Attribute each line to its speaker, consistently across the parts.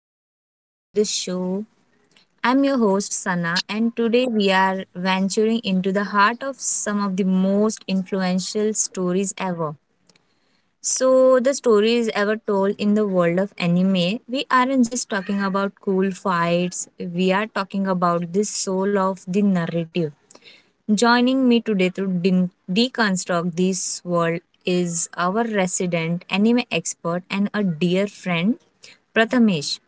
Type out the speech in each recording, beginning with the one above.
Speaker 1: welcome back to the show. I'm your host Sana and today we are venturing into the heart of some of the most influential stories ever. The stories ever told in the world of anime, we aren't just talking about cool fights, we are talking about the soul of the narrative. Joining me today to deconstruct this world is our resident anime expert and a dear friend, Prathamesh.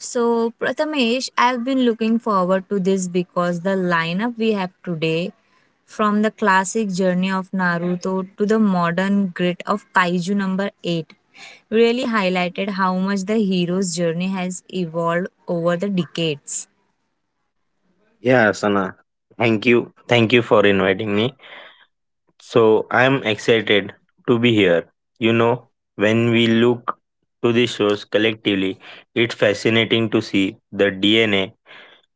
Speaker 1: So, Prathamesh, I've been looking forward to this because the lineup we have today, from the classic journey of Naruto to the modern grit of Kaiju number 8, really highlighted how much the hero's journey has evolved over the decades.
Speaker 2: Yeah, Sana. Thank you. Thank you for inviting me. So I am excited to be here. You know, when we look to these shows collectively, it's fascinating to see the DNA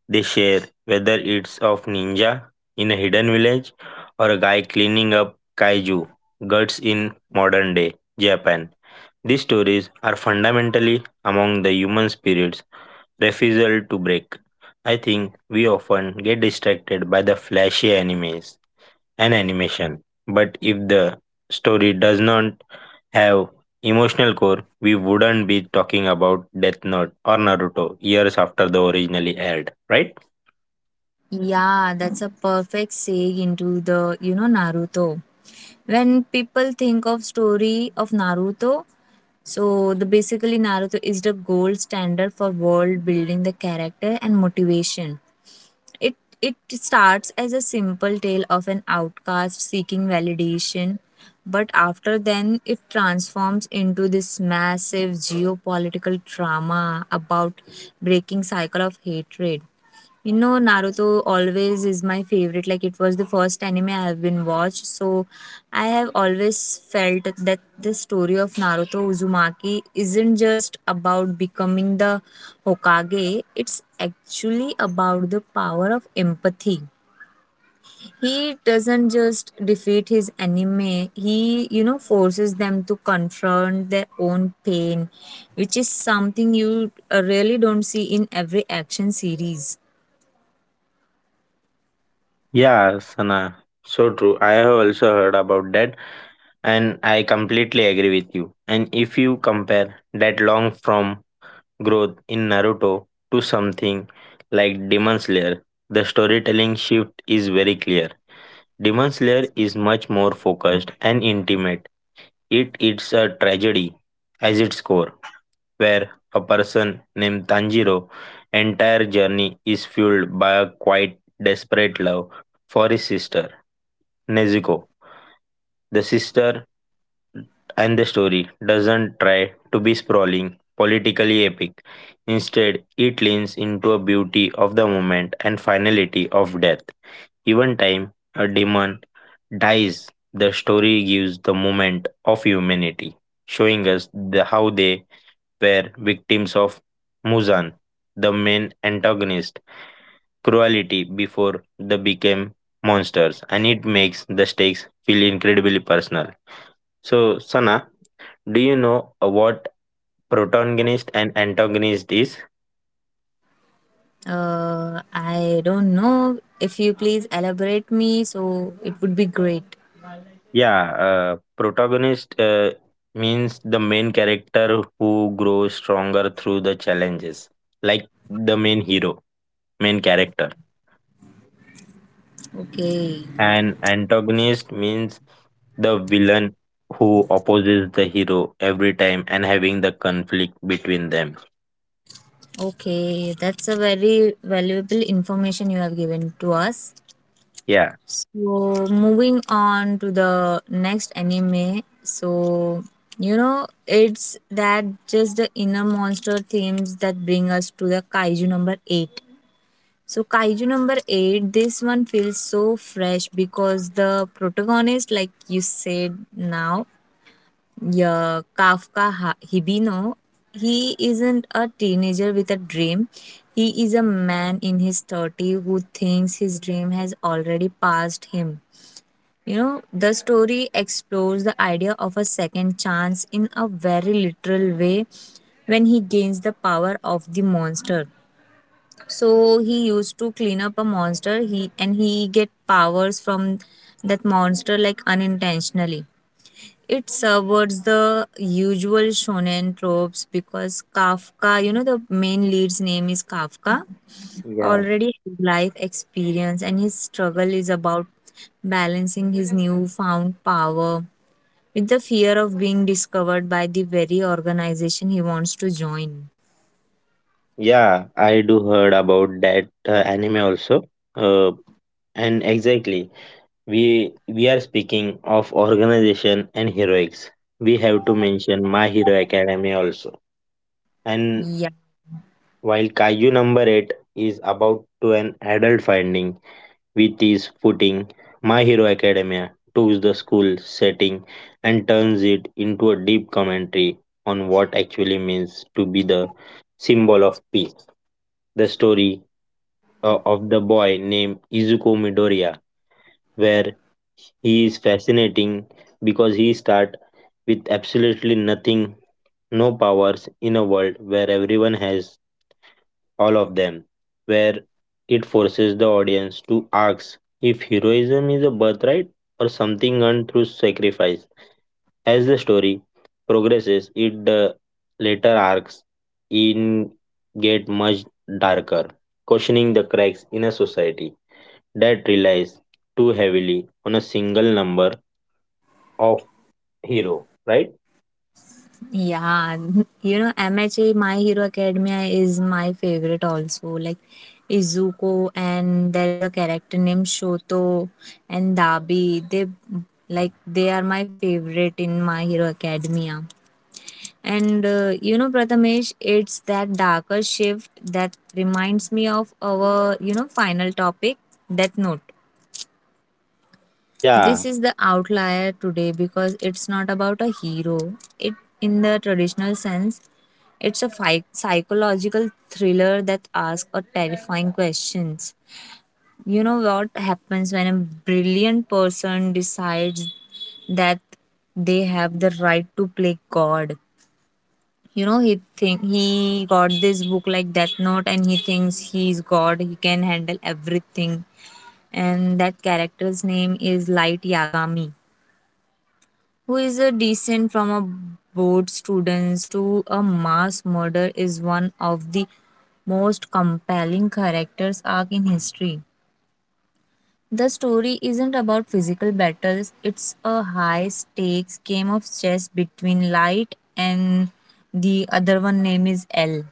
Speaker 2: they share, whether it's of ninja in a hidden village or a guy cleaning up kaiju guts in modern day Japan. These stories are fundamentally among the human spirits refusal to break. I think we often get distracted by the flashy animes and animation, but if the story does not have emotional core, we wouldn't be talking about Death Note or Naruto years after the originally aired, right?
Speaker 1: Yeah, that's a perfect segue into Naruto. When people think of story of Naruto, the basically Naruto is the gold standard for world building the character and motivation. It starts as a simple tale of an outcast seeking validation, but after then it transforms into this massive geopolitical drama about breaking cycle of hatred. You know, Naruto always is my favorite. Like it was the first anime I have been watched. So I have always felt that the story of Naruto Uzumaki isn't just about becoming the Hokage. It's actually about the power of empathy. He doesn't just defeat his enemy. He forces them to confront their own pain, which is something you really don't see in every action series.
Speaker 2: Yeah, Sana. So true. I have also heard about that, and I completely agree with you. And if you compare that long from growth in Naruto to something like Demon Slayer, the storytelling shift is very clear. Demon Slayer is much more focused and intimate. It is a tragedy as its core, where a person named Tanjiro entire journey is fueled by a quite desperate love for his sister, Nezuko. The sister. And the story doesn't try to be sprawling, politically epic. Instead, it leans into a beauty of the moment and finality of death. Even time a demon dies, the story gives the moment of humanity, showing us the, how they were victims of Muzan, the main antagonist, cruelty before they became monsters, and it makes the stakes feel incredibly personal. So, Sana, do you know what protagonist and antagonist is?
Speaker 1: I don't know. If you please elaborate me, so it would be great.
Speaker 2: Yeah, protagonist means the main character who grows stronger through the challenges, like the main hero, main character.
Speaker 1: Okay,
Speaker 2: And antagonist means the villain who opposes the hero every time and having the conflict between them.
Speaker 1: okay, that's a very valuable information you have given to us.
Speaker 2: Yeah.
Speaker 1: So moving on to the next anime. It's that just the inner monster themes that bring us to the kaiju number eight. So kaiju number eight, this one feels so fresh because the protagonist, like you said now, yeah, Kafka Hibino, he isn't a teenager with a dream. He is a man in his 30 who thinks his dream has already passed him. You know, the story explores the idea of a second chance in a very literal way when he gains the power of the monster. So he used to clean up a monster he get powers from that monster like unintentionally. It subverts the usual shonen tropes because Kafka, the main lead's name is Kafka,
Speaker 2: Yeah.
Speaker 1: already has life experience, and his struggle is about balancing his newfound power with the fear of being discovered by the very organization he wants to join.
Speaker 2: Yeah, I do heard about that anime also. Uh, and exactly. We are speaking of organization and heroics, we have to mention My Hero Academy also, and
Speaker 1: Yeah.
Speaker 2: while Kaiju Number 8 is about to an adult finding with his footing, my hero academia took the school setting and turns it into a deep commentary on what actually means to be the symbol of peace. The story of the boy named Izuku Midoriya, where he is fascinating because he starts with absolutely nothing, no powers in a world where everyone has all of them, where it forces the audience to ask if heroism is a birthright or something earned through sacrifice. As the story progresses, it the later arcs in get much darker, questioning the cracks in a society that relies too heavily on a single number of hero, right?
Speaker 1: Yeah, you know, MHA My Hero Academia is my favorite also. Like Izuko, and there is a character named Shoto and Dabi. They they are my favorite in My Hero Academia. And you know, Prathamesh, it's that darker shift that reminds me of our final topic, Death Note.
Speaker 2: Yeah,
Speaker 1: This is the outlier today because it's not about a hero. It in the traditional sense, it's a psychological thriller that asks a terrifying questions. You know what happens when a brilliant person decides that they have the right to play God. You know, he think he got this book like Death Note, and he thinks he's God. He can handle everything. And that character's name is Light Yagami, who is a decent from a board students to a mass murderer, is one of the most compelling characters arc in history. The story isn't about physical battles, it's a high stakes game of chess between Light and the other one name is L,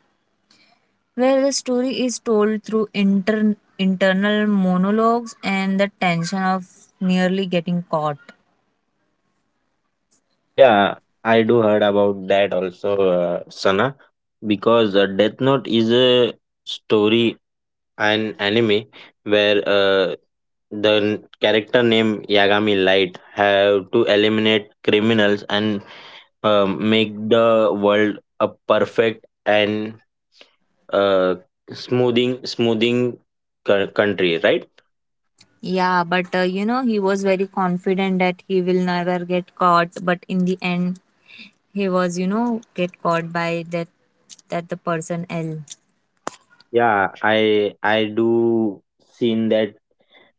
Speaker 1: where the story is told through internal monologues and the tension of nearly getting caught.
Speaker 2: yeah, I do heard about that also, Sana, because Death Note is a story and anime where the character named Yagami Light have to eliminate criminals and make the world a perfect and uh, smoothing country, right?
Speaker 1: Yeah, but you know, he was very confident that he will never get caught, but in the end, he get caught by that the person L.
Speaker 2: Yeah, I do seen that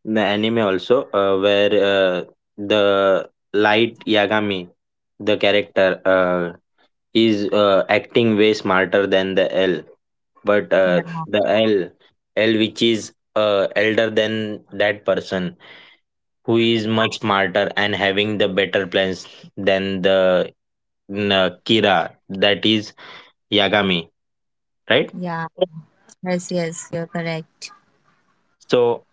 Speaker 2: the anime also where the Light Yagami, the character is acting way smarter than the L, but
Speaker 1: Yeah.
Speaker 2: the L, which is elder than that person, who is much smarter and having the better plans than the Kira, that is Yagami, right?
Speaker 1: Yeah. Yes, yes, you're correct.
Speaker 2: So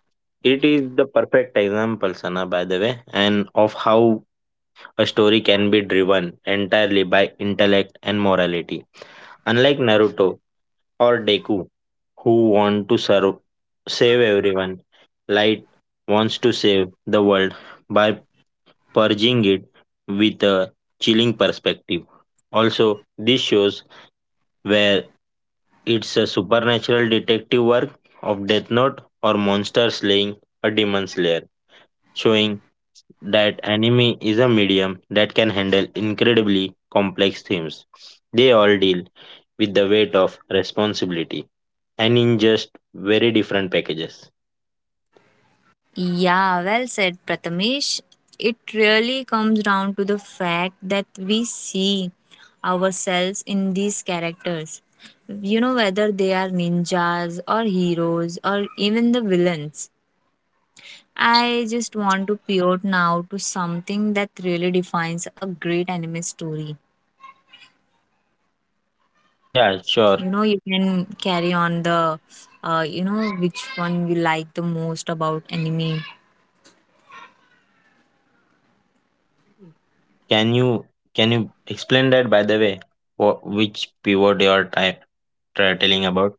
Speaker 2: it is the perfect example, Sana, by the way, and of how a story can be driven entirely by intellect and morality. Unlike Naruto or Deku, who want to serve, save everyone, Light wants to save the world by purging it with a chilling perspective. Also, this shows where it's a supernatural detective work of Death Note or monster slaying a demon slayer, showing that anime is a medium that can handle incredibly complex themes. They all deal with the weight of responsibility and in just very different packages.
Speaker 1: Yeah, well said, Prathamesh. It really comes down to the fact that we see ourselves in these characters. You know, whether they are ninjas or heroes or even the villains. I just want to pivot now to something that really defines a great anime story.
Speaker 2: Yeah, sure.
Speaker 1: You know, you can carry on which one you like the most about anime.
Speaker 2: Can you can you explain that by the way? What, which pivot you are try telling about?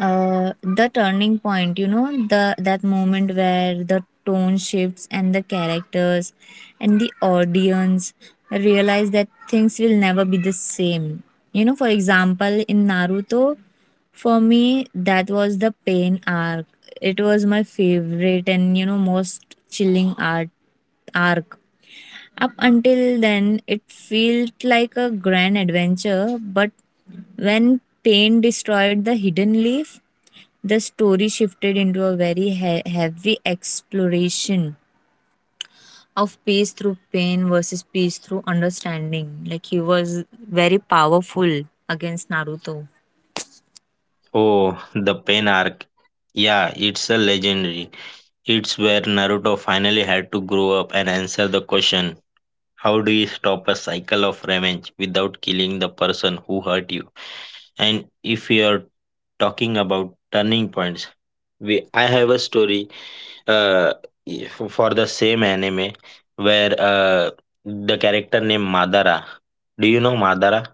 Speaker 1: The turning point, you know, the that moment where the tone shifts and the characters and the audience realize that things will never be the same. You know, for example, in Naruto, for me, that was the pain arc. It was my favorite and most chilling art arc. Up until then, it felt like a grand adventure, but when pain destroyed the hidden leaf, the story shifted into a very heavy exploration of peace through pain versus peace through understanding. Like he was very powerful against Naruto.
Speaker 2: Oh, the pain arc. Yeah, it's a legendary. It's where Naruto finally had to grow up and answer the question, how do you stop a cycle of revenge without killing the person who hurt you? And if you are talking about turning points, we I have a story uh, for the same anime where the character named Madara. Do you know Madara?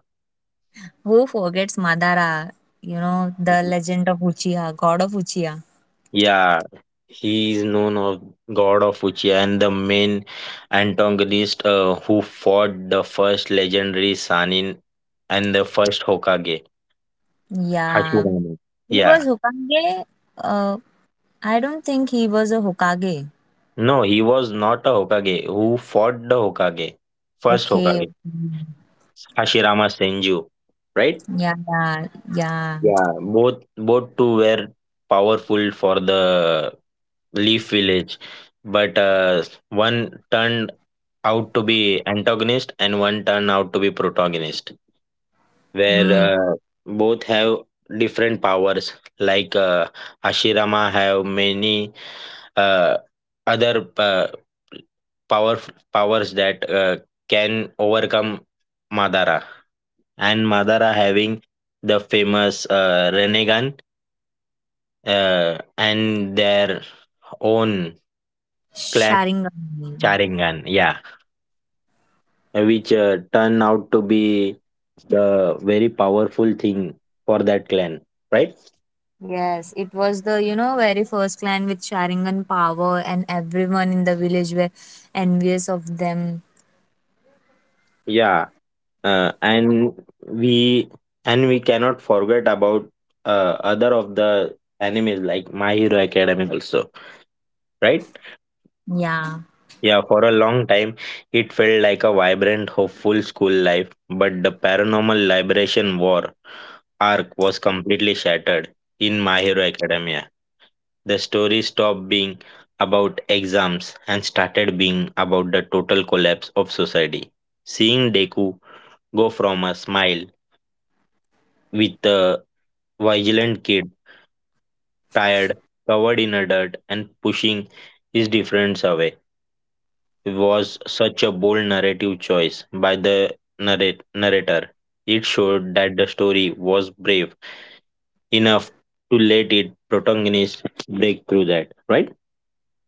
Speaker 1: Who forgets Madara? You know, the legend of Uchiha, god of Uchiha.
Speaker 2: Yeah, he is known of God of Uchiha and the main antagonist who fought the first legendary Sanin and the first Hokage.
Speaker 1: Yeah.
Speaker 2: Hashirama.
Speaker 1: He was
Speaker 2: Yeah.
Speaker 1: Hokage. Uh, I don't think he was a Hokage.
Speaker 2: No, he was not a Hokage. Who fought the Hokage? First
Speaker 1: Okay. Okay.
Speaker 2: Hokage. Hashirama Senju. Right?
Speaker 1: Yeah, yeah, yeah.
Speaker 2: Yeah. Both two were powerful for the Leaf Village. But one turned out to be antagonist and one turned out to be protagonist.
Speaker 1: Mm.
Speaker 2: Where both have different powers. Like Hashirama have many uh, other power powers that can overcome Madara, and Madara having the famous Renegan and their own clan
Speaker 1: Sharingan.
Speaker 2: Sharingan, yeah, which turn out to be the very powerful thing for that clan, right?
Speaker 1: Yes, it was the, you know, very first clan with Sharingan power, and everyone in the village were envious of them.
Speaker 2: Yeah, uh, and we and we cannot forget about other of the animes like My Hero Academy also, right?
Speaker 1: Yeah.
Speaker 2: Yeah, for a long time, it felt like a vibrant, hopeful school life, but the Paranormal Liberation War arc was completely shattered in My Hero Academia. The story stopped being about exams and started being about the total collapse of society. Seeing Deku go from a smile with a vigilant kid, tired, covered in a dirt, and pushing his difference away was such a bold narrative choice by the narrator. It showed that the story was brave enough to let its protagonist break through that, right?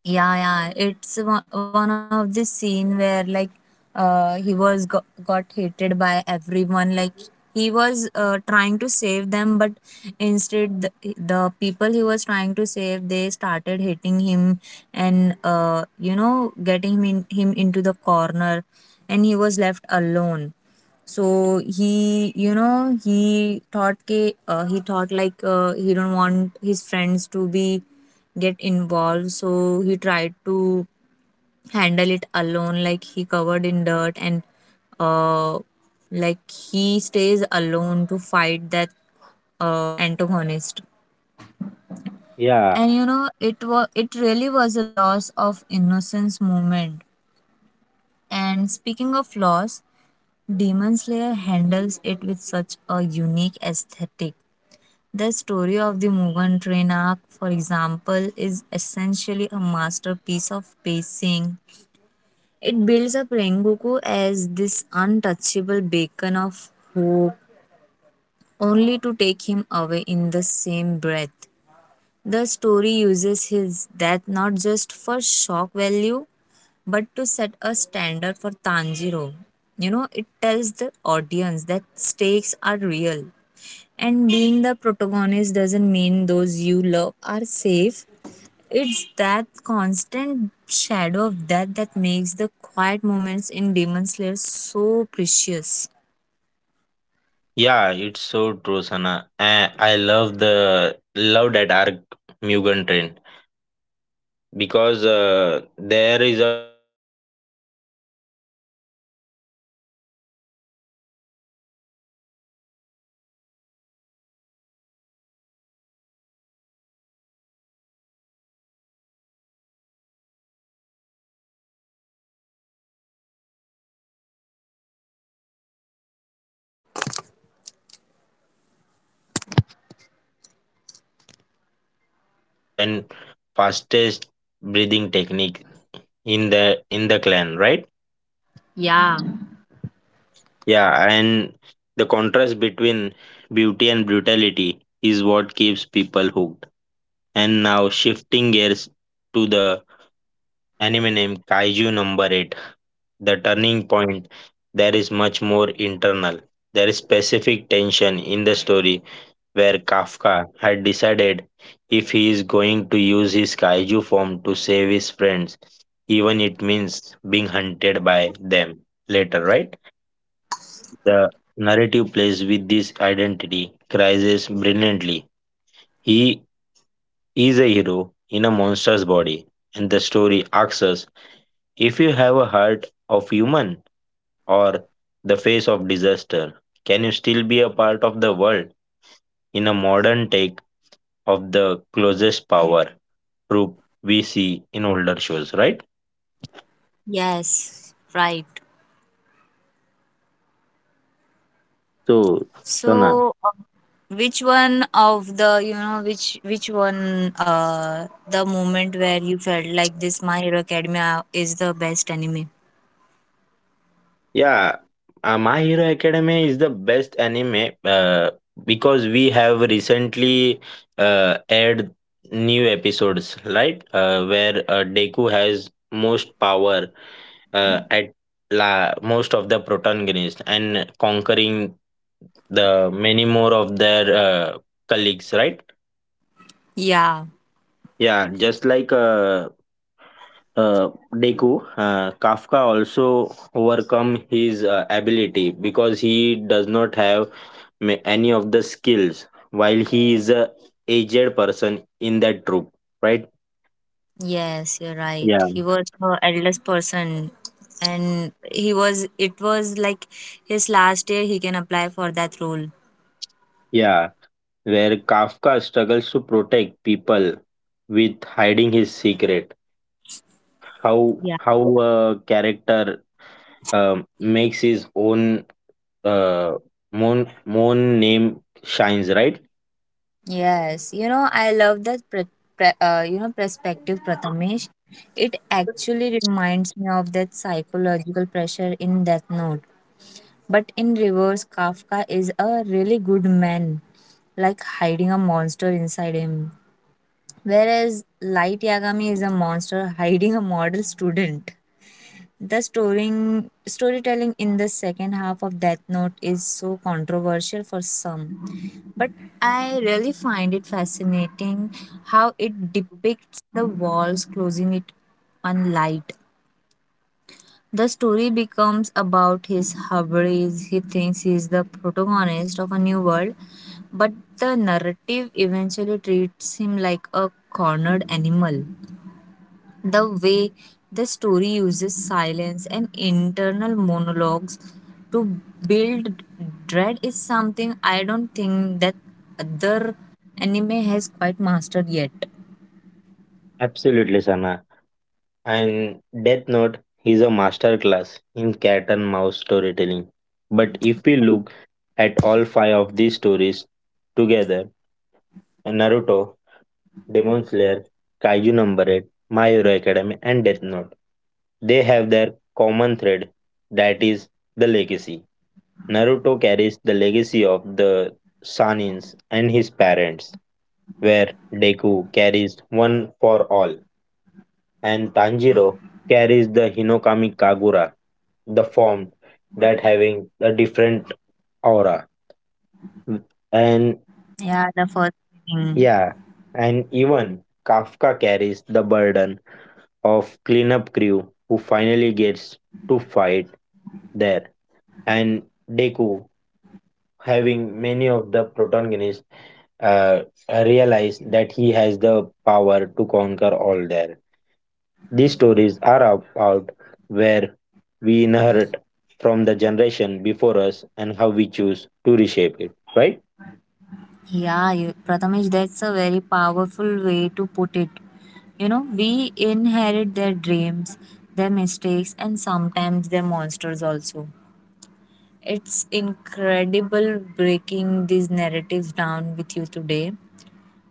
Speaker 1: Yeah, yeah. It's one of the scene where like he was got hated by everyone. Like he was trying to save them, but instead the people he was trying to save they started hating him and getting him into the corner, and he was left alone. So he he thought he thought like he don't want his friends to be get involved, so he tried to handle it alone like he covered in dirt and uh, like he stays alone to fight that antagonist.
Speaker 2: Yeah.
Speaker 1: And you know it was, it really was a loss of innocence moment. And speaking of loss, Demon Slayer handles it with such a unique aesthetic. The story of the Mugen Train arc, for example, is essentially a masterpiece of pacing. It builds up Rengoku as this untouchable beacon of hope, only to take him away in the same breath. The story uses his death not just for shock value but to set a standard for Tanjiro. You know, it tells the audience that stakes are real. And being the protagonist doesn't mean those you love are safe. It's that constant shadow of death that makes the quiet moments in Demon Slayer so precious.
Speaker 2: Yeah, it's so true, Sana. I love the love that arc, Mugen Train, because there is a fight between Rengoku and the protagonist named Akaza. Have you seen that? Akaza, where uh, a protagonist having the upper rank second, he fight with Rengoku, which is fire breathing hashira, who having a better and fastest breathing technique in the in the clan, right?
Speaker 1: Yeah.
Speaker 2: Yeah, and the contrast between beauty and brutality is what keeps people hooked. And now shifting gears to the anime named Kaiju Number 8, the turning point there is much more internal. There is specific tension in the story where Kafka had decided if he is going to use his kaiju form to save his friends, even it means being hunted by them later, right? The narrative plays with this identity crisis brilliantly. He is a hero in a monster's body and the story asks us, if you have a heart of human or the face of disaster? Can you still be a part of the world in a modern take of the closest power troop we see in older shows, right?
Speaker 1: Yes, right.
Speaker 2: So, Sana,
Speaker 1: So, which one of the you know which one the moment where you felt like this My Hero Academia is the best anime?
Speaker 2: yeah, My Hero Academia is the best anime because we have recently aired new episodes, right? Where Deku has most power at most of the protagonists and conquering the many more of their colleagues, right?
Speaker 1: Yeah.
Speaker 2: Yeah, just like uh, Deku, Kafka also overcome his ability because he does not have any of the skills while he is a aged person in that troop, right?
Speaker 1: Yes, you're right.
Speaker 2: Yeah,
Speaker 1: He was the eldest person and he was it was like his last year he can apply for that role.
Speaker 2: yeah. Where Kafka struggles to protect people with hiding his secret. How
Speaker 1: Yeah.
Speaker 2: how a character um, makes his own uh, moon name shines, right?
Speaker 1: Yes, you know, I love that you know perspective, Prathamesh. It actually reminds me of that psychological pressure in Death Note. But in reverse, Kafka is a really good man, like hiding a monster inside him. Whereas Light Yagami is a monster hiding a model student. The storytelling in the second half of Death Note is so controversial for some, but I really find it fascinating how it depicts the walls closing it on light. The story becomes about his hubris. He thinks he is the protagonist of a new world, but the narrative eventually treats him like a cornered animal. The way the story uses silence and internal monologues to build dread is something I don't think that other anime has quite mastered yet.
Speaker 2: Absolutely, Sana. And Death Note is a master class in cat and mouse storytelling. But if we look at all five of these stories together, Naruto, Demon Slayer, Kaiju Number 8, My Hero Academy, and Death Note, they have their common thread, that is the legacy. Naruto carries the legacy of the Sanins and his parents, where Deku carries one for all, and Tanjiro carries the Hinokami Kagura, the form that having a different aura.
Speaker 1: Yeah, the
Speaker 2: And
Speaker 1: first thing.
Speaker 2: yeah, and even Kafka carries the burden of cleanup crew who finally gets to fight there. And Deku, having many of the protagonists, uh, realize that he has the power to conquer all there. These stories are about where we inherit from the generation before us and how we choose to reshape it, right?
Speaker 1: Yeah, Prathamesh, that's a very powerful way to put it. You know, we inherit their dreams, their mistakes, and sometimes their monsters also. It's incredible breaking these narratives down with you today.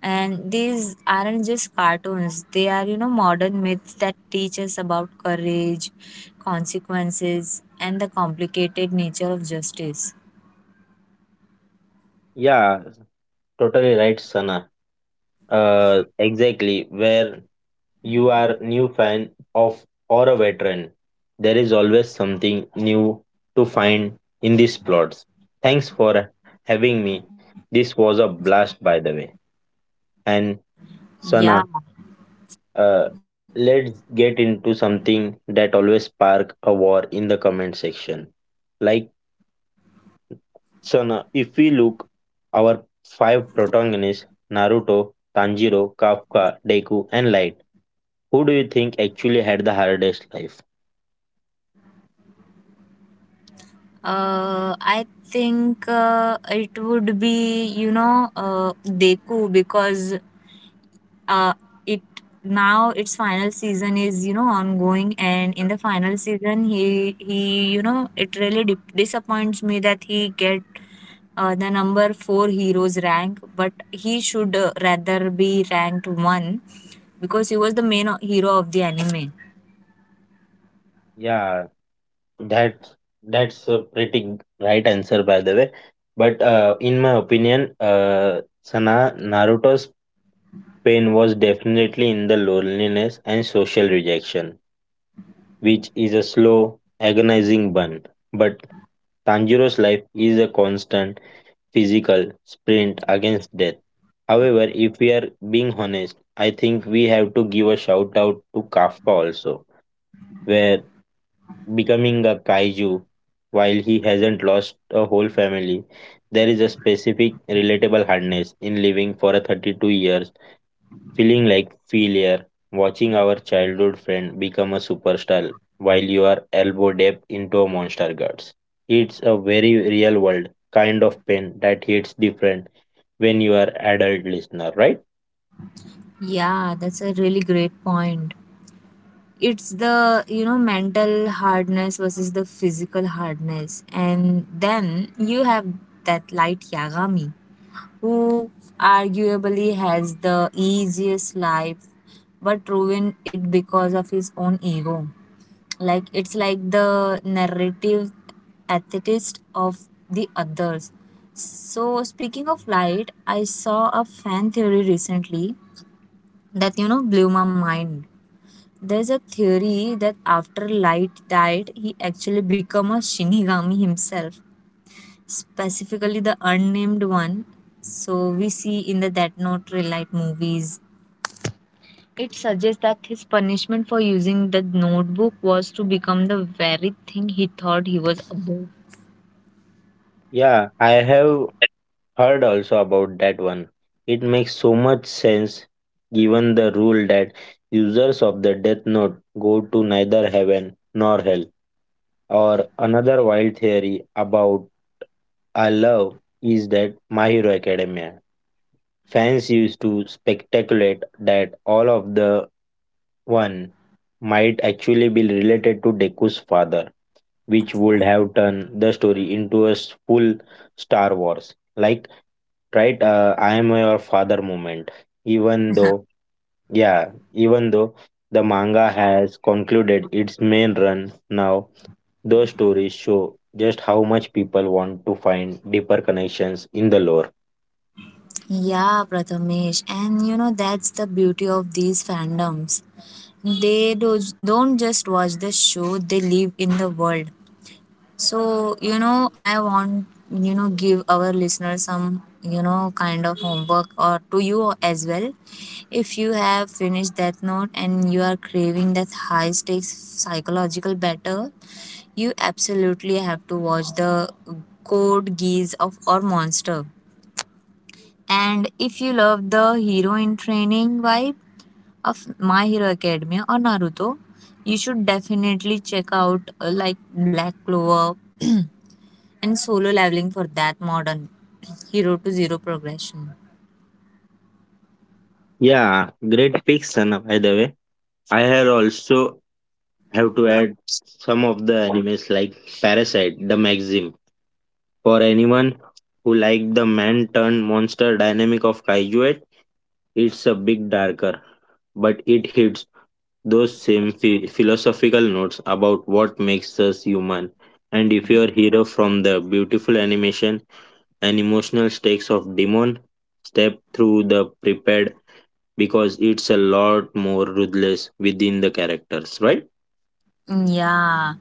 Speaker 1: And these aren't just cartoons, they are, you know, modern myths that teach us about courage, consequences, and the complicated nature of justice.
Speaker 2: Yeah, totally right, Sana. Exactly. Where you are new fan of or a veteran, there is always something new to find in these plots. Thanks for having me. This was a blast, by the way. And
Speaker 1: Yeah,
Speaker 2: Sana, Uh, let's get into something that always spark a war in the comment section. Like, so now if we look our five protagonists, Naruto, Tanjiro, Kafka, Deku, and Light, who do you think actually had the hardest life?
Speaker 1: I think it would be, you know, Deku because uh, it now its final season is, you know, ongoing, and in the final season, it really di disappoints me that he get the number four heroes rank, but he should rather be ranked one because he was the main hero of the anime.
Speaker 2: Yeah, that that's a pretty right answer by the way. But in my opinion, Sana, Naruto's pain was definitely in the loneliness and social rejection, which is a slow, agonizing burn. But Tanjiro's life is a constant physical sprint against death. However, if we are being honest, I think we have to give a shout out to Kafka also, where becoming a kaiju while he hasn't lost a whole family, there is a specific relatable hardness in living for a 32 years feeling like failure, watching our childhood friend become a superstar while you are elbow deep into a monster guts. It's a very real world kind of pain that hits different when you are adult listener, right?
Speaker 1: Yeah, that's a really great point. It's the you know mental hardness versus the physical hardness, and then you have that light yagami who arguably has the easiest life but ruined it because of his own ego. Like it's like the narrative atheist of the others. So speaking of light, I saw a fan theory recently that you know blew my mind. There's a theory that after Light died, he actually became a Shinigami himself, specifically the unnamed one. So we see in the Death Note Ray Light movies. It suggests that his punishment for using the notebook was to become the very thing he thought he was above.
Speaker 2: Yeah, I have heard also about that one. It makes so much sense given the rule that users of the death note go to neither heaven nor hell. Or another wild theory about I love is that My Hero Academia. Fans used to speculate that all of the one might actually be related to Deku's father, which would have turned the story into a full Star Wars, like right, I am your father moment. Even though, yeah, even though the manga has concluded its main run now, those stories show just how much people want to find deeper connections in the lore.
Speaker 1: Yeah, Prathamesh. And you know, that's the beauty of these fandoms. Don't just watch the show, they live in the world. So, you know, I want, you know, give our listeners some, kind of homework or to you as well. If you have finished that note and you are craving that high stakes psychological battle, you absolutely have to watch the Code Geass of or Monster. And if you love the hero in training vibe of My Hero Academia or Naruto, you should definitely check out like Black Clover and solo leveling for that modern hero to zero progression.
Speaker 2: Yeah, great picks, Sana, by the way. I had also have to add some of the animes like Parasite, the Maxim. For anyone who liked the man turned monster dynamic of Kaiju, it's a bit darker, but it hits those same philosophical notes about what makes us human. And if you're hero from the beautiful animation and emotional stakes of Demon step through the prepared because it's a lot more ruthless within the characters, right?
Speaker 1: Yeah,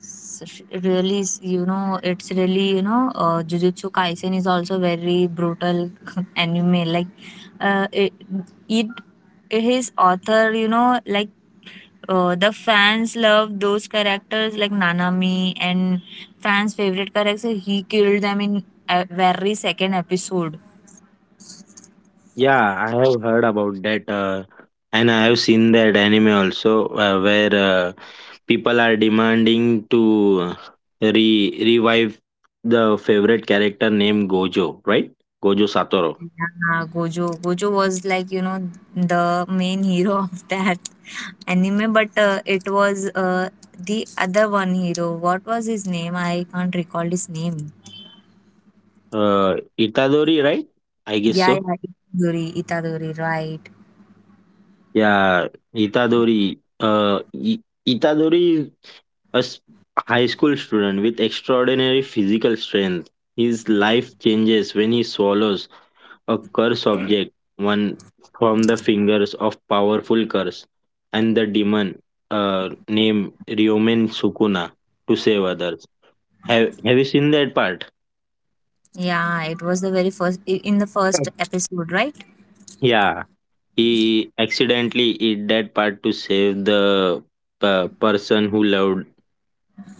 Speaker 1: Really, it's really, Jujutsu Kaisen is also very brutal anime. Like, uh, it, it, his author, like, the fans love those characters like Nanami and fans' favorite character. He killed them in a very second episode.
Speaker 2: Yeah, I have heard about that, and I have seen that anime also, where people are demanding to re revive the favorite character named Gojo, right? Gojo Satoru,
Speaker 1: Ah, Gojo. Gojo was like, the main hero of that anime, but it was the other one hero. What was his name? I can't recall his name.
Speaker 2: Itadori, right? I guess
Speaker 1: Yeah,
Speaker 2: so.
Speaker 1: yeah, Itadori, right.
Speaker 2: Yeah, Itadori. Itadori. A high school student with extraordinary physical strength. His life changes when he swallows a curse object, one from the fingers of powerful curse, and the demon named Ryomen Sukuna to save others. Have you seen that part?
Speaker 1: Yeah, it was the very first, in the first episode, right?
Speaker 2: Yeah, he accidentally eat that part to save the person who loved.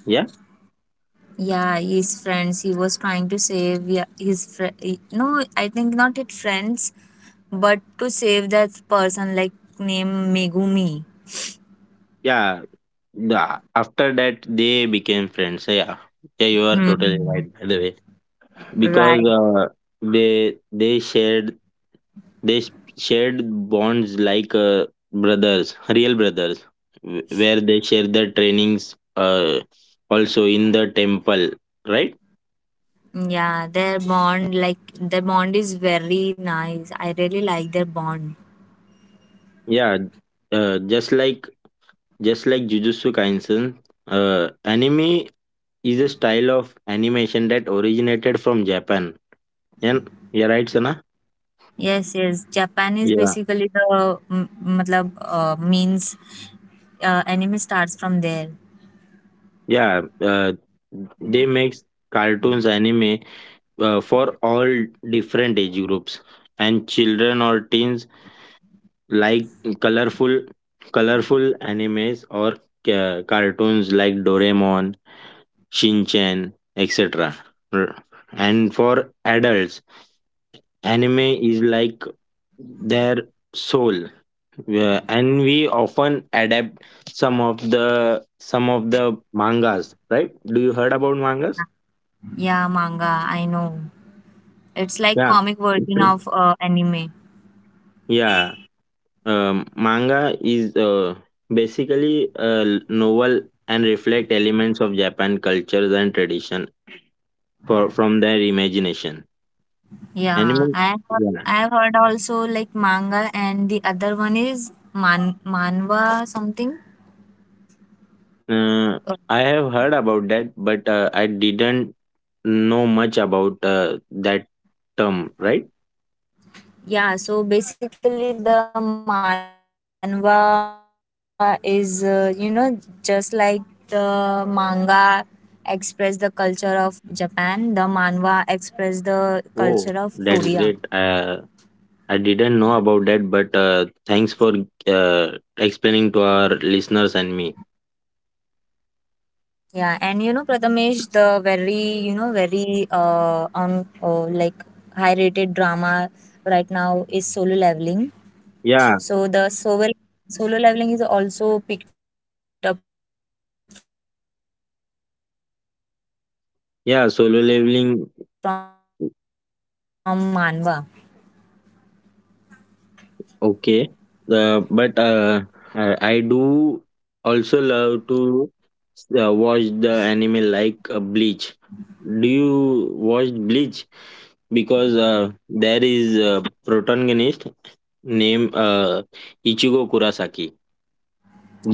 Speaker 2: Yeah,
Speaker 1: Yeah, his friends, he was trying to save, yeah, his friend. No, I think not his friends, but to save that person, like, name Megumi.
Speaker 2: yeah, Yeah, after that they became friends. So, yeah, yeah, you are
Speaker 1: Hmm.
Speaker 2: totally right. By the way, because
Speaker 1: Right.
Speaker 2: they they s- shared bonds like brothers, real brothers, where they share their trainings. Also in the temple, right?
Speaker 1: Yeah, their bond, like their bond is very nice. I really like their bond.
Speaker 2: Yeah, uh, just like just like Jujutsu Kaisen, anime is a style of animation that originated from Japan. And you're right, Sana.
Speaker 1: Yes, yes. Japan is
Speaker 2: Yeah.
Speaker 1: basically matlab, means anime starts from there.
Speaker 2: Yeah, they makes cartoons, anime for all different age groups, and children or teens like colorful, colorful animes or cartoons like Doraemon, Shinchan, etc. R- And for adults, anime is like their soul, and we often adapt some of the mangas. Right? Do you heard about mangas?
Speaker 1: Yeah, manga, I know. It's like
Speaker 2: Yeah.
Speaker 1: comic version of anime.
Speaker 2: Yeah, manga is basically a novel and reflect elements of Japan cultures and tradition for from their imagination.
Speaker 1: Yeah,
Speaker 2: Anime,
Speaker 1: I have,
Speaker 2: yeah.
Speaker 1: I have heard also like manga and the other one is manhwa something.
Speaker 2: Uh, I have heard about that, but I didn't know much about that term. Right?
Speaker 1: Yeah, so basically the manhwa is, just like the manga express the culture of Japan, the manhwa express the culture of Korea.
Speaker 2: Oh, that's great. I didn't know about that, but thanks for explaining to our listeners and me.
Speaker 1: Yeah, and Prathamesh, the very, very on like high rated drama right now is solo leveling. So the
Speaker 2: Yeah,
Speaker 1: solo leveling is also picked up from manhwa.
Speaker 2: yeah. Solo leveling
Speaker 1: Yeah,
Speaker 2: okay.
Speaker 1: it's a real.
Speaker 2: But I do also love to watch the anime like Bleach. Do you watch Bleach? Because there is a protagonist named Ichigo Kurosaki.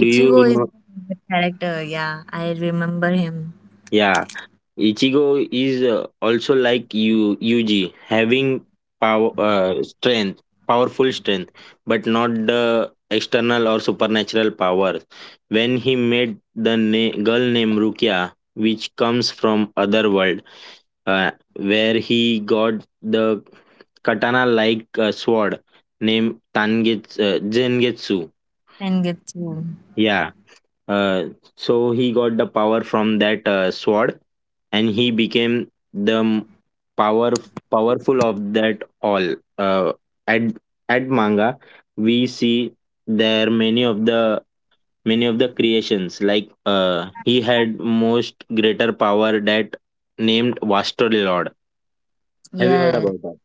Speaker 2: Do you
Speaker 1: is
Speaker 2: know?
Speaker 1: the character, yeah. I remember him.
Speaker 2: Yeah, Ichigo is also like you Yuji, having power, uh, strength, powerful strength, but not the external or supernatural powers. When he met the girl named Rukia, which comes from other world, uh, where he got the katana like sword named Tangetsu, Zengetsu.
Speaker 1: Sengetsu.
Speaker 2: Yeah, uh, so he got the power from that sword, and he became the power powerful of that all. At at manga, we see there many of the creations like he had most greater power that named Vaster Lord. Have you heard
Speaker 1: Yeah,
Speaker 2: about that?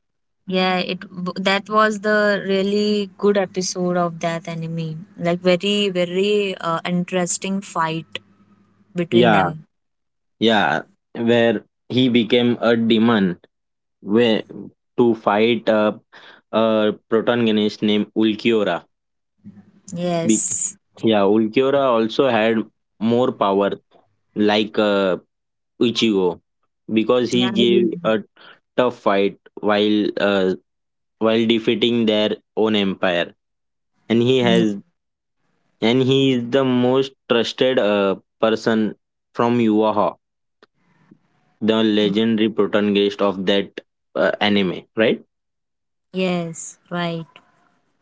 Speaker 1: yeah, that was the really good episode of that anime. Like very, very interesting fight between
Speaker 2: Yeah,
Speaker 1: them.
Speaker 2: yeah, where he became a demon where to fight a protagonist named Ulquiorra. Be-
Speaker 1: Yes.
Speaker 2: Yeah, Ulquiorra also had more power, like Ichigo, because he
Speaker 1: Yeah.
Speaker 2: gave a tough fight while defeating their own empire, and he has and he is the most trusted person from Yuaha, the legendary protagonist of that anime, right?
Speaker 1: Yes, right.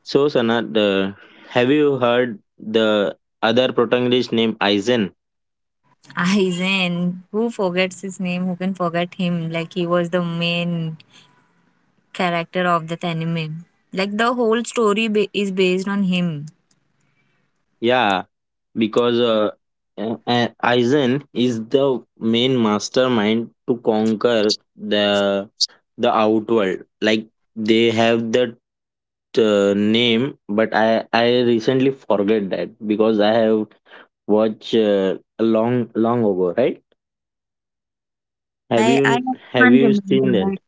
Speaker 2: So, Sana, have you heard the other protagonist named Aizen?
Speaker 1: Aizen, who forgets his name? Who can forget him? Like he was the main character of that anime. Like the whole story is based on him.
Speaker 2: Yeah, because Aizen is the main mastermind to conquer the the outworld. Like they have that name, but I recently forget that because I have watched a long long ago, right? Have
Speaker 1: I
Speaker 2: you have
Speaker 1: can't
Speaker 2: you seen
Speaker 1: remember.
Speaker 2: that?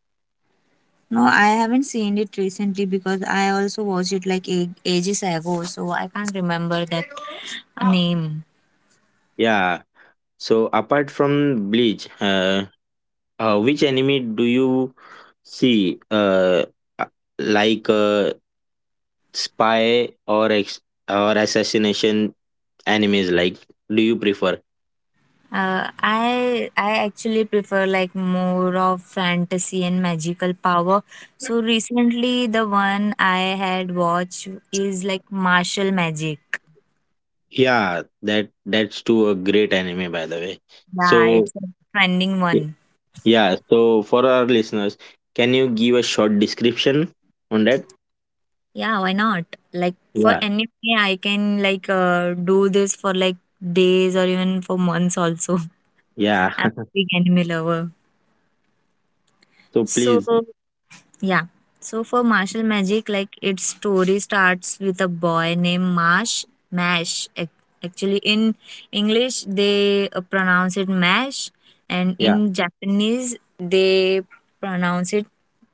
Speaker 1: No, I haven't seen it recently because I also watched it like ages ago, so I can't remember that name.
Speaker 2: Yeah. So apart from Bleach, which anime do you see? Uh, like spy or assassination animes? Like, do you prefer?
Speaker 1: I actually prefer like more of fantasy and magical power. So recently, the one I had watched is like martial magic.
Speaker 2: Yeah, that that's too a great anime by the way.
Speaker 1: Yeah,
Speaker 2: So
Speaker 1: it's a trending
Speaker 2: y-
Speaker 1: one.
Speaker 2: yeah, so for our listeners, can you give a short description on that?
Speaker 1: Yeah, why not? Like for
Speaker 2: Yeah,
Speaker 1: anime, I can like do this for like days or even for months also.
Speaker 2: yeah.
Speaker 1: I'm a big anime lover.
Speaker 2: So
Speaker 1: So,
Speaker 2: please,
Speaker 1: yeah. So, for martial magic, like its story starts with a boy named Marsh, Mash. Actually, in English, they pronounce it Mash, and
Speaker 2: yeah,
Speaker 1: in Japanese, they pronounce it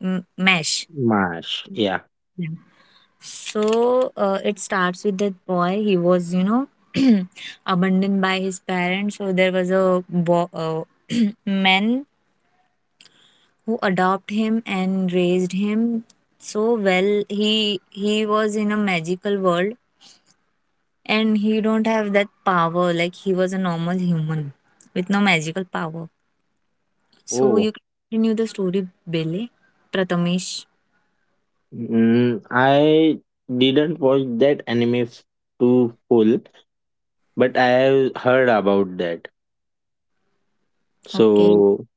Speaker 1: Mash.
Speaker 2: Mash, yeah.
Speaker 1: Yeah. So, it starts with that boy. He was, abandoned by his parents. So, there was a man who adopted him and raised him so well. He was in a magical world and he don't have that power like he was a normal human with no magical power. So
Speaker 2: Oh,
Speaker 1: you continue the story, Bele Pratamesh.
Speaker 2: mm, I didn't watch that too full. But I have heard about that.
Speaker 1: Okay.
Speaker 2: So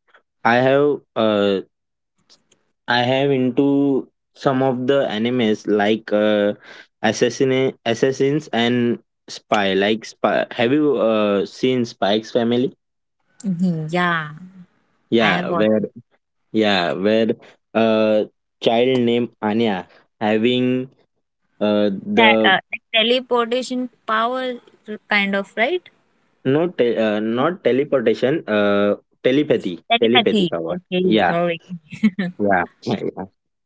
Speaker 2: I have into some of the animes like assassins and spy like spy, have you seen Spike's family?
Speaker 1: Mhm, yeah, I have
Speaker 2: Yeah,
Speaker 1: watched
Speaker 2: where uh child named Anya having
Speaker 1: that.
Speaker 2: the
Speaker 1: Like, teleportation power, kind of, right?
Speaker 2: not teleportation, telepathy
Speaker 1: Telepathy.
Speaker 2: power.
Speaker 1: Okay,
Speaker 2: Yeah,
Speaker 1: sorry.
Speaker 2: yeah, yeah, yeah.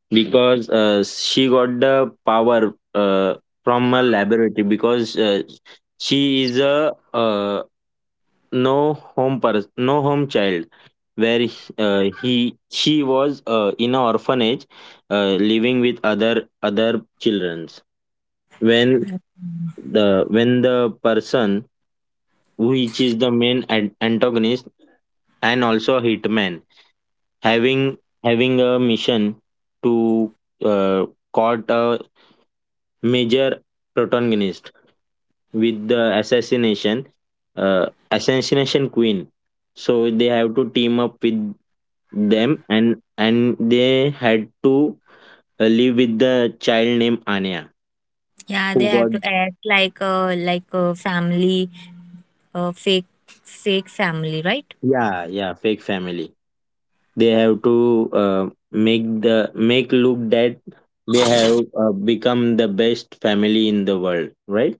Speaker 2: Because she got the power from a laboratory because she is a no home child, where he she was in an orphanage living with other childrens when the person which is the main antagonist and also a hitman having having a mission to uh, caught a major protagonist with the assassination queen, so they have to team up with them and they had to live with the child named Anya
Speaker 1: Yeah, they
Speaker 2: who
Speaker 1: have
Speaker 2: got.
Speaker 1: to act like a family, a fake family, right?
Speaker 2: Yeah, yeah, fake family. They have to uh, make the make look that they have become the best family in the world, right?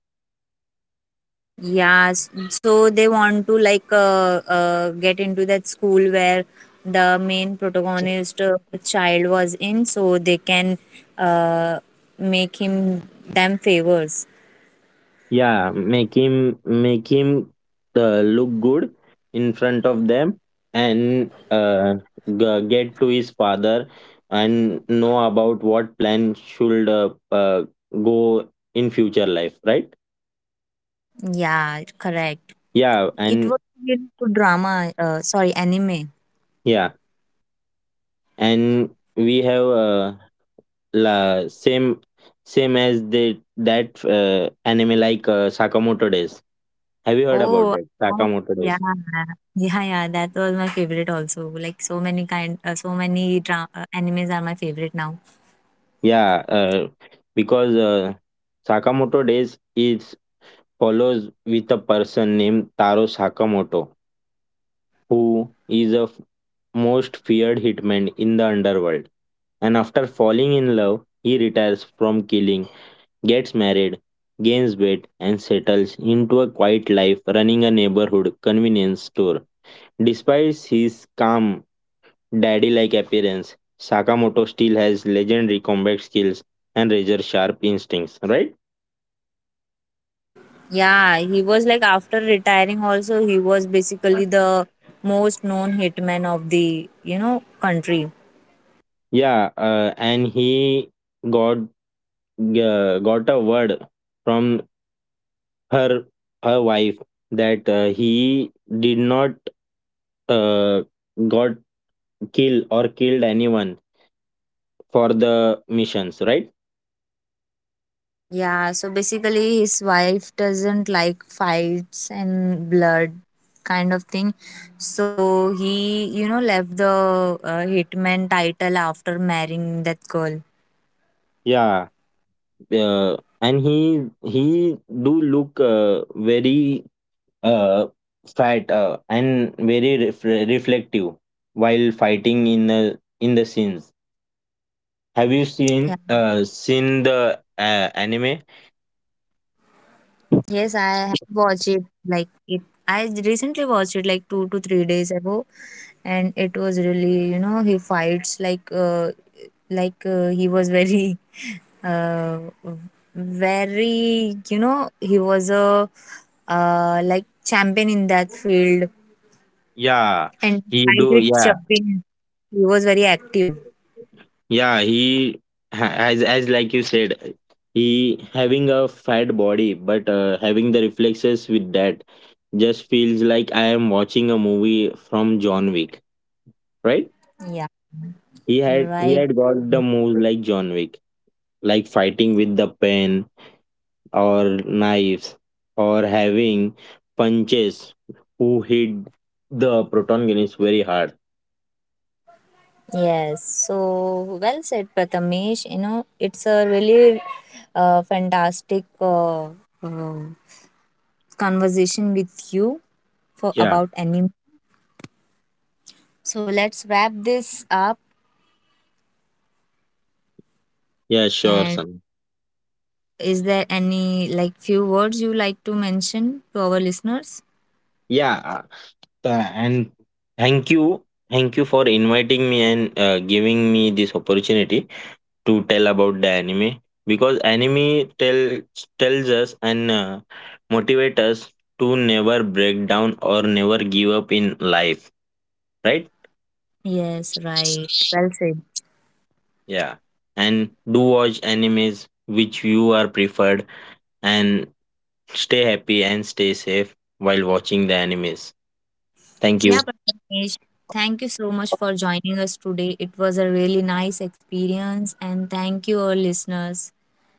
Speaker 1: Yeah, so they want to like get into that school where the main protagonist child was in, so they can uh, make him them favors.
Speaker 2: Yeah, make him look good in front of them and get to his father and know about what plan should go in future life, right?
Speaker 1: Yeah, correct.
Speaker 2: Yeah,
Speaker 1: It was
Speaker 2: and
Speaker 1: really good drama. Sorry, anime.
Speaker 2: yeah, and we have la, same same as the that anime like Sakamoto Days. Have you heard about
Speaker 1: Oh,
Speaker 2: that?
Speaker 1: oh,
Speaker 2: Sakamoto
Speaker 1: yeah,
Speaker 2: Days.
Speaker 1: yeah, yeah. That was my favorite also. Like so many so many animes are my favorite now.
Speaker 2: Yeah, because Sakamoto Days is follows with a person named Taro Sakamoto, who is the most feared hitman in the underworld. And after falling in love, he retires from killing, gets married, gains weight, and settles into a quiet life running a neighborhood convenience store. Despite his calm, daddy like appearance, Sakamoto still has legendary combat skills and razor sharp instincts, right?
Speaker 1: Yeah, he was like after retiring also he was basically the most known hitman of the, country.
Speaker 2: Yeah, and he got got a word from her her wife that he did not uh, got killed or killed anyone for the missions, right?
Speaker 1: Yeah, so basically his wife doesn't like fights and blood kind of thing. So he, left the hitman title after marrying that girl.
Speaker 2: Yeah, and he do look very uh, fat and very reflective while fighting in the scenes. Have you
Speaker 1: Yeah.
Speaker 2: seen the anime?
Speaker 1: Yes, I have watched it like it I recently watched it like 2 to 3 days ago, and it was really, he fights like he was very uh, very he was a like champion in that field,
Speaker 2: Yeah,
Speaker 1: and
Speaker 2: he
Speaker 1: despite
Speaker 2: do.
Speaker 1: its
Speaker 2: Yeah,
Speaker 1: champion he was very active,
Speaker 2: yeah. He as like you said, he having a fat body, but having the reflexes with that just feels like I am watching a movie from John Wick. Right?
Speaker 1: yeah, you're
Speaker 2: He
Speaker 1: right.
Speaker 2: had got the moves like John Wick, like fighting with the pen or knives or having punches who hit the protagonist very hard.
Speaker 1: Yes, so well said, Prathamesh. It's a really fantastic conversation with you for
Speaker 2: Yeah,
Speaker 1: about anime. So let's wrap this up.
Speaker 2: yeah, sure,
Speaker 1: And
Speaker 2: son.
Speaker 1: is there any like few words you like to mention to our listeners?
Speaker 2: Yeah, And thank you thank you for inviting me and giving me this opportunity to tell about the anime because anime tells us and motivate us to never break down or never give up in life, right?
Speaker 1: Yes, right. Well said.
Speaker 2: Yeah, and do watch animes which you are preferred and stay happy and stay safe while watching the animes. Thank you.
Speaker 1: Yeah, Prathamesh, thank you so much for joining us today. It was a really nice experience, and thank you, our listeners.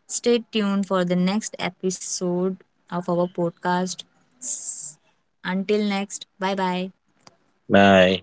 Speaker 1: Stay tuned for the next episode of our podcast. S- Until next, bye bye.
Speaker 2: Bye.